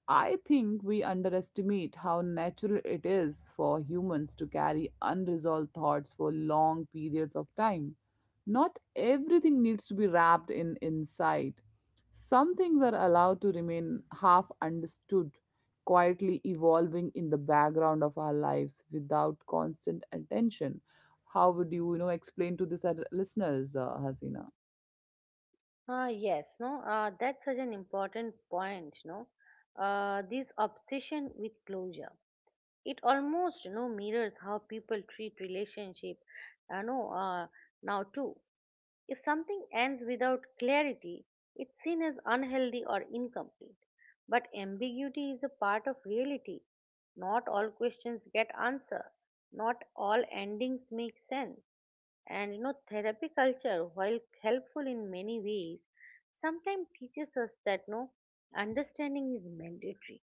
[SPEAKER 1] I think we underestimate how natural it is for humans to carry unresolved thoughts for long periods of time. Not everything needs to be wrapped in insight. Some things are allowed to remain half understood, quietly evolving in the background of our lives without constant attention. How would you, explain to this at listeners, Hasina?
[SPEAKER 2] Ah, yes, no, that's such an important point, no. This obsession with closure, it almost, mirrors how people treat relationship, uh, no, uh, now too. If something ends without clarity, it's seen as unhealthy or incomplete. But ambiguity is a part of reality. Not all questions get answered. Not all endings make sense. And therapy culture, while helpful in many ways, sometimes teaches us that no understanding is mandatory.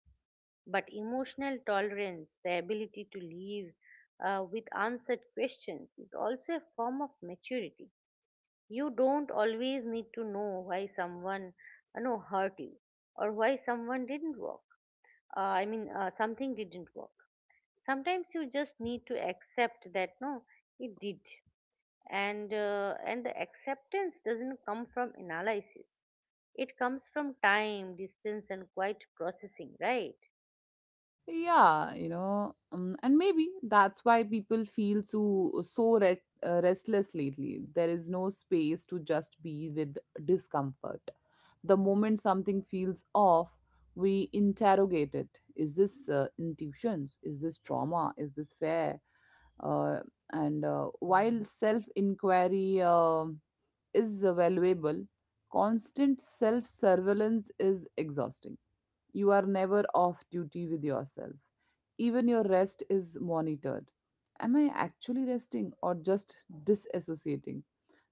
[SPEAKER 2] But emotional tolerance, the ability to live with answered questions, is also a form of maturity. You don't always need to know why someone hurt you, or why someone didn't work. I mean, something didn't work. Sometimes you just need to accept that no, it did, and the acceptance doesn't come from analysis. It comes from time, distance, and quiet processing, right?
[SPEAKER 1] Yeah, and maybe that's why people feel so restless lately. There is no space to just be with discomfort. The moment something feels off, we interrogate it. Is this intuitions? Is this trauma? Is this fair? Uh, and while self inquiry is valuable, constant self surveillance is exhausting you are never off duty with yourself. Even your rest is monitored. Am I actually resting or just disassociating?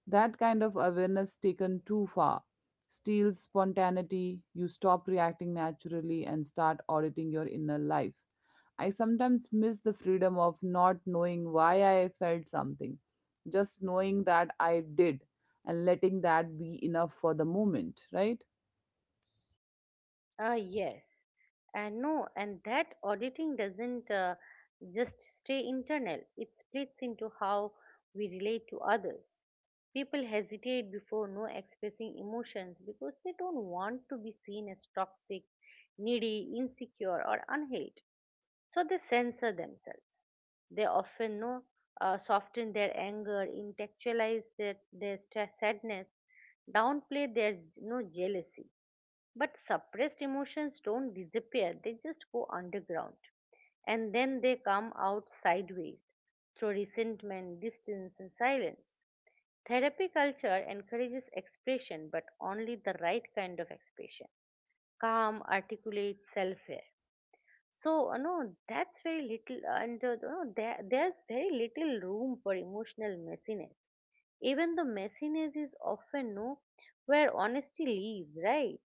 [SPEAKER 1] That kind of awareness taken too far steals spontaneity. You stop reacting naturally and start auditing your inner life. I sometimes miss the freedom of not knowing why I felt something, just knowing that I did and letting that be enough for the moment, right?
[SPEAKER 2] Ah, yes. And no, and that auditing doesn't just stay internal, it splits into how we relate to others. People hesitate before no expressing emotions because they don't want to be seen as toxic, needy, insecure, or unhealed. So they censor themselves. They often no, soften their anger, intellectualize sadness, downplay their no jealousy, but suppressed emotions don't disappear, they just go underground. And then they come out sideways through resentment, distance, and silence. Therapy culture encourages expression, but only the right kind of expression: calm, articulate, self aware. So, that's very little, and, there's very little room for emotional messiness. Even though messiness is often no where honesty lives, right?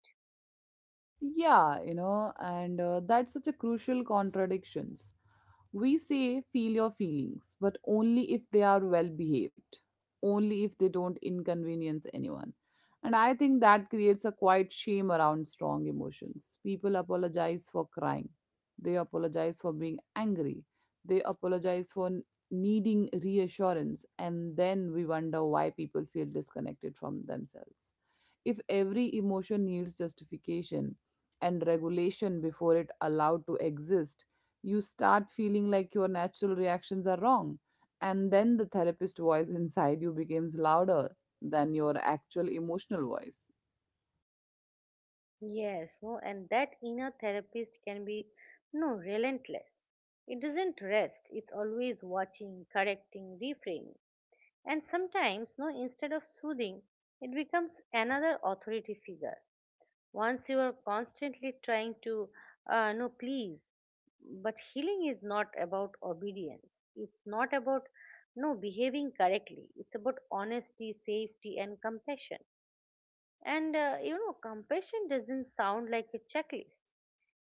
[SPEAKER 1] yeah you know and that's such a crucial contradictions we say feel your feelings, but only if they are well behaved, only if they don't inconvenience anyone. And I think that creates a quiet shame around strong emotions. People apologize for crying, they apologize for being angry, they apologize for needing reassurance, and then we wonder why people feel disconnected from themselves. If every emotion needs justification and regulation before it allowed to exist, you start feeling like your natural reactions are wrong. And then the therapist voice inside you becomes louder than your actual emotional voice.
[SPEAKER 2] Yes, no, and that inner therapist can be no relentless. It doesn't rest. It's always watching, correcting, reframing. And sometimes, no, instead of soothing, it becomes another authority figure. Once you are constantly trying to no please, but healing is not about obedience. It's not about no behaving correctly. It's about honesty, safety, and compassion. And compassion doesn't sound like a checklist.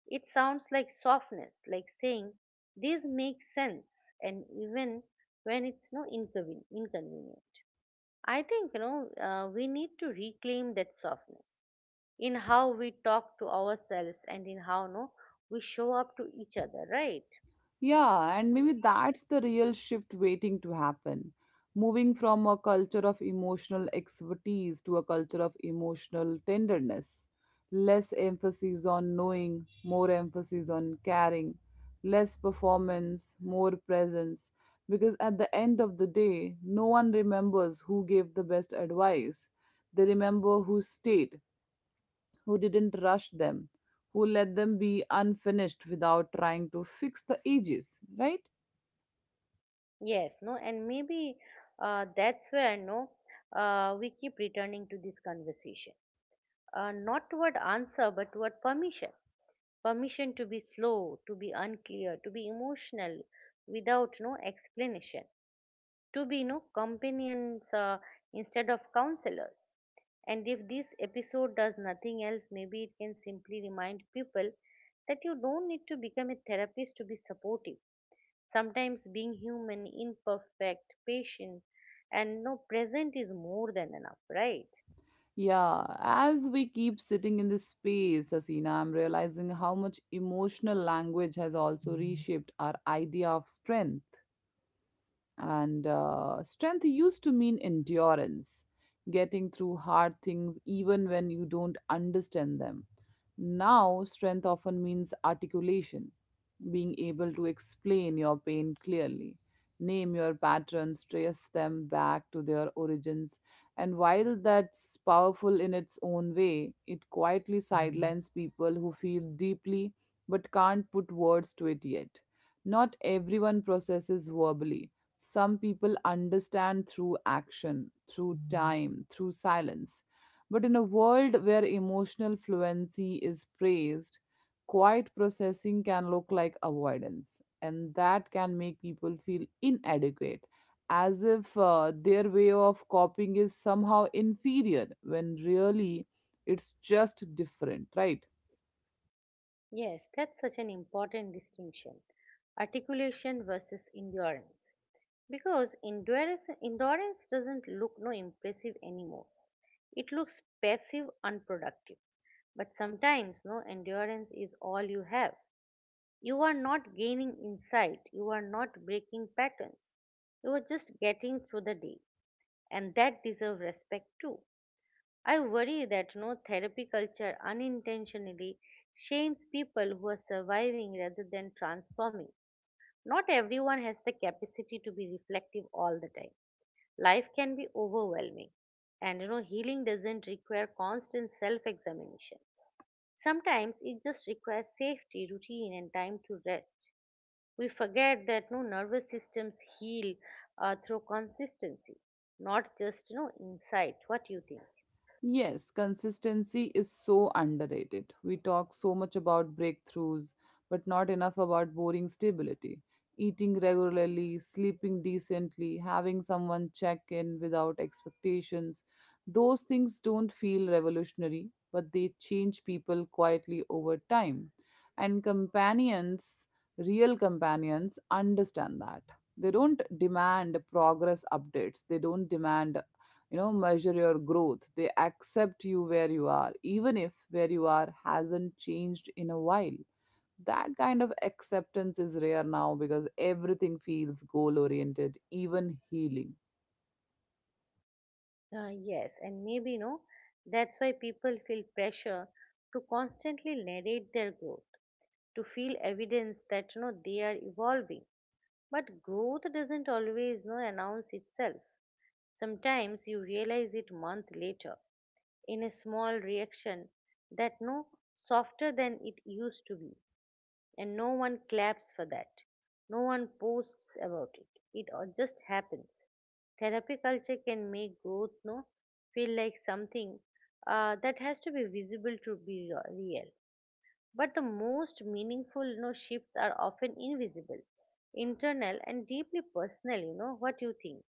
[SPEAKER 2] It sounds like softness, like saying, this makes sense, and even when it's no inconvenient. I think, we need to reclaim that softness in how we talk to ourselves and in how no, we show up to each other, right?
[SPEAKER 1] Yeah, and maybe that's the real shift waiting to happen. Moving from a culture of emotional expertise to a culture of emotional tenderness. Less emphasis on knowing, more emphasis on caring. Less performance, more presence. Because at the end of the day, no one remembers who gave the best advice. They remember who stayed, who didn't rush them, who let them be unfinished without trying to fix the ages, right?
[SPEAKER 2] Yes, no, and maybe that's where no, we keep returning to this conversation. Not toward answer, but toward permission, permission to be slow, to be unclear, to be emotional without no explanation, to be no companions instead of counselors. And if this episode does nothing else, maybe it can simply remind people that you don't need to become a therapist to be supportive. Sometimes being human, imperfect, patient, and no present is more than enough, right?
[SPEAKER 1] Yeah, as we keep sitting in this space, Asina, I'm realizing how much emotional language has also reshaped our idea of strength. And strength used to mean endurance, getting through hard things even when you don't understand them. Now, strength often means articulation, being able to explain your pain clearly, name your patterns, trace them back to their origins. And while that's powerful in its own way, it quietly sidelines people who feel deeply but can't put words to it yet. Not everyone processes verbally some people understand through action, through time, through silence. But in a world where emotional fluency is praised, quiet processing can look like avoidance, and that can make people feel inadequate, as if their way of coping is somehow inferior, when really it's just different, right?
[SPEAKER 2] Yes, that's such an important distinction: articulation versus endurance. Because endurance doesn't look no impressive anymore. It looks passive, unproductive. But sometimes no endurance is all you have. You are not gaining insight, you are not breaking patterns. You are just getting through the day, and that deserves respect too. I worry that no therapy culture unintentionally shames people who are surviving rather than transforming. Not everyone has the capacity to be reflective all the time. Life can be overwhelming, and healing doesn't require constant self examination. Sometimes it just requires safety, routine, and time to rest. We forget that no nervous systems heal through consistency, not just insight. What do you think?
[SPEAKER 1] Yes, consistency is so underrated. We talk so much about breakthroughs, but not enough about boring stability. Eating regularly, sleeping decently, having someone check in without expectations. Those things don't feel revolutionary, but they change people quietly over time. And companions, real companions, understand that. They don't demand progress updates, they don't demand you know measure your growth they accept you where you are even if where you are hasn't changed in a while that kind of acceptance is rare now because everything feels goal oriented even healing
[SPEAKER 2] Yes, and maybe that's why people feel pressure to constantly narrate their growth, to feel evidence that they are evolving. But growth doesn't always announce itself. Sometimes you realize it month later in a small reaction that no softer than it used to be, and no one claps for that. No one posts about it. It just happens. Therapy culture can make growth no feel like something that has to be visible to be real. But the most meaningful, shifts are often invisible, internal, and deeply personal. You know what you think.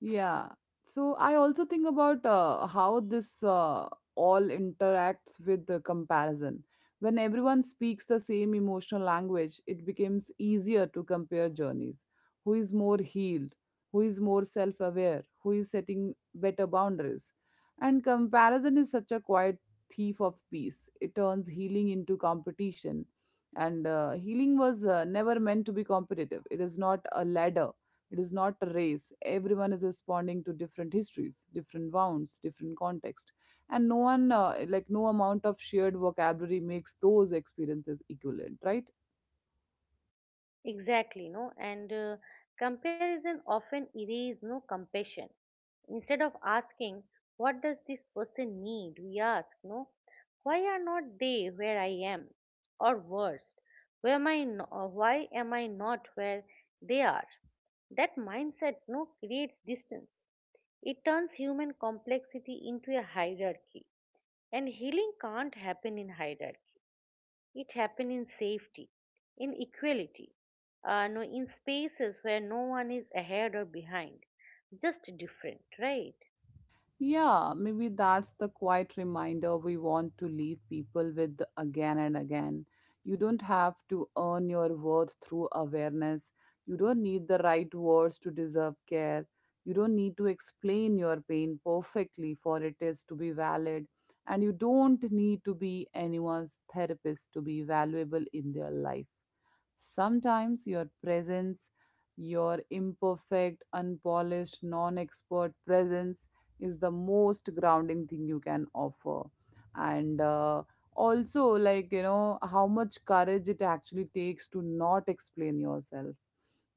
[SPEAKER 1] Yeah. So I also think about how this all interacts with the comparison. When everyone speaks the same emotional language, it becomes easier to compare journeys. Who is more healed? Who is more self aware? Who is setting better boundaries? And comparison is such a quiet thief of peace. It turns healing into competition. And healing was never meant to be competitive, it is not a ladder it is not a race. Everyone is responding to different histories, different wounds, different context, and no one, like no amount of shared vocabulary, makes those experiences equivalent, right?
[SPEAKER 2] Exactly. You know, and comparison often erases no compassion. Instead of asking, what does this person need? We ask, no, why are not they where I am? Or worse, where am I why am I not where they are? That mindset no creates distance. It turns human complexity into a hierarchy. And healing can't happen in hierarchy. It happens in safety, in equality, no, in spaces where no one is ahead or behind, just different, right?
[SPEAKER 1] Yeah, maybe that's the quiet reminder we want to leave people with again and again. You don't have to earn your worth through awareness. You don't need the right words to deserve care. You don't need to explain your pain perfectly for it is to be valid. And you don't need to be anyone's therapist to be valuable in their life. Sometimes your presence, your imperfect, unpolished, non expert presence, is the most grounding thing you can offer and also like you know how much courage it actually takes to not explain yourself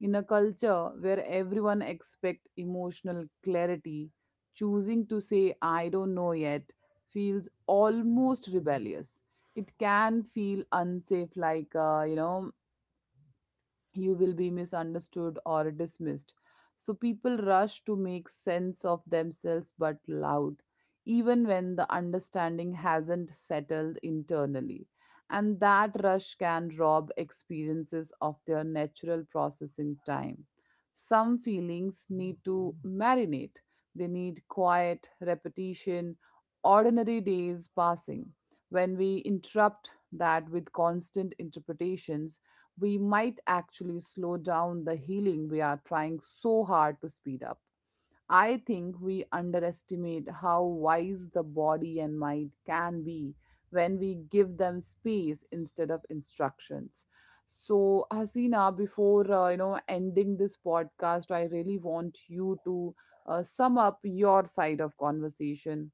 [SPEAKER 1] in a culture where everyone expect emotional clarity choosing to say I don't know yet feels almost rebellious it can feel unsafe like, you will be misunderstood or dismissed. So people rush to make sense of themselves but loud, even when the understanding hasn't settled internally. And that rush can rob experiences of their natural processing time. Some feelings need to marinate, they need quiet, repetition, ordinary days passing. When we interrupt that with constant interpretations, we might actually slow down the healing we are trying so hard to speed up. I think we underestimate how wise the body and mind can be when we give them space instead of instructions. So, Hasina, before ending this podcast, I really want you to sum up your side of conversation.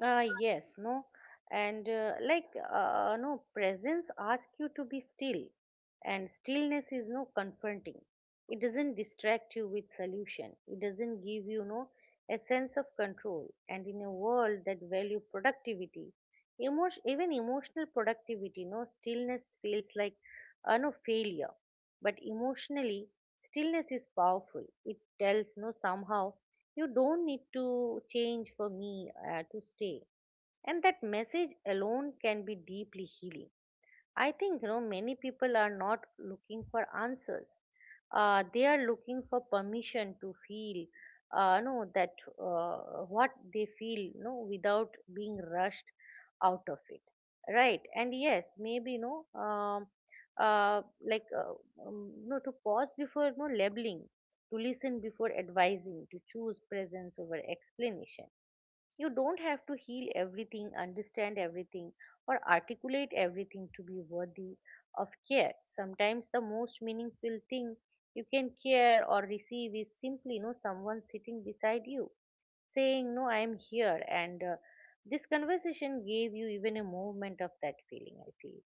[SPEAKER 2] Yes, no, and no presence asks you to be still, and stillness is no confronting. It doesn't distract you with solution. It doesn't give you no a sense of control. And in a world that value productivity, emotion even emotional productivity, no stillness feels like no failure. But emotionally, stillness is powerful. It tells no somehow you don't need to change for me to stay. And that message alone can be deeply healing. I think many people are not looking for answers. They are looking for permission to feel, no, that what they feel, no, without being rushed out of it, right? And yes, maybe no, uh, like uh, no, to pause before no labeling, to listen before advising, to choose presence over explanation. You don't have to heal everything, understand everything, or articulate everything to be worthy of care. Sometimes the most meaningful thing you can care or receive is simply, someone sitting beside you saying, no, I am here. And this conversation gave you even a movement of that feeling, I feel.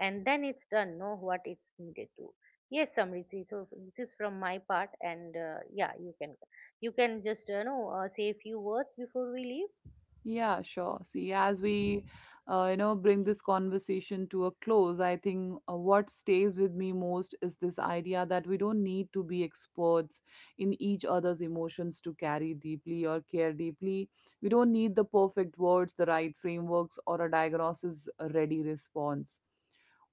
[SPEAKER 2] And then it's done, know what it's needed to. Yes, Samriti. So this is from my part, and yeah, you can, you can just know say a few words before we leave.
[SPEAKER 1] Yeah, sure. See, as we, bring this conversation to a close, I think what stays with me most is this idea that we don't need to be experts in each other's emotions to carry deeply or care deeply. We don't need the perfect words, the right frameworks, or a diagnosis ready response.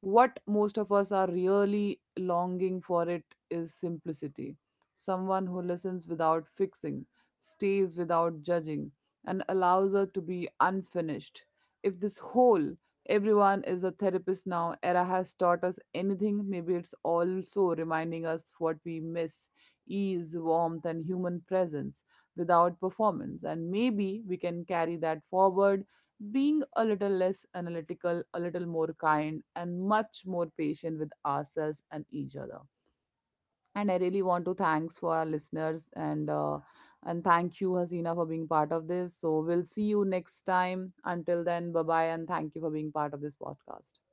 [SPEAKER 1] What most of us are really longing for it is simplicity. Someone who listens without fixing, stays without judging and allows her to be unfinished. If this whole everyone is a therapist now era has taught us anything, maybe it's also reminding us what we miss ease, warmth, and human presence without performance. And maybe we can carry that forward, being a little less analytical, a little more kind, and much more patient with ourselves and each other and I really want to thanks for our listeners and thank you Hasina for being part of this so we'll see you next time until then bye bye and thank you for being part of this podcast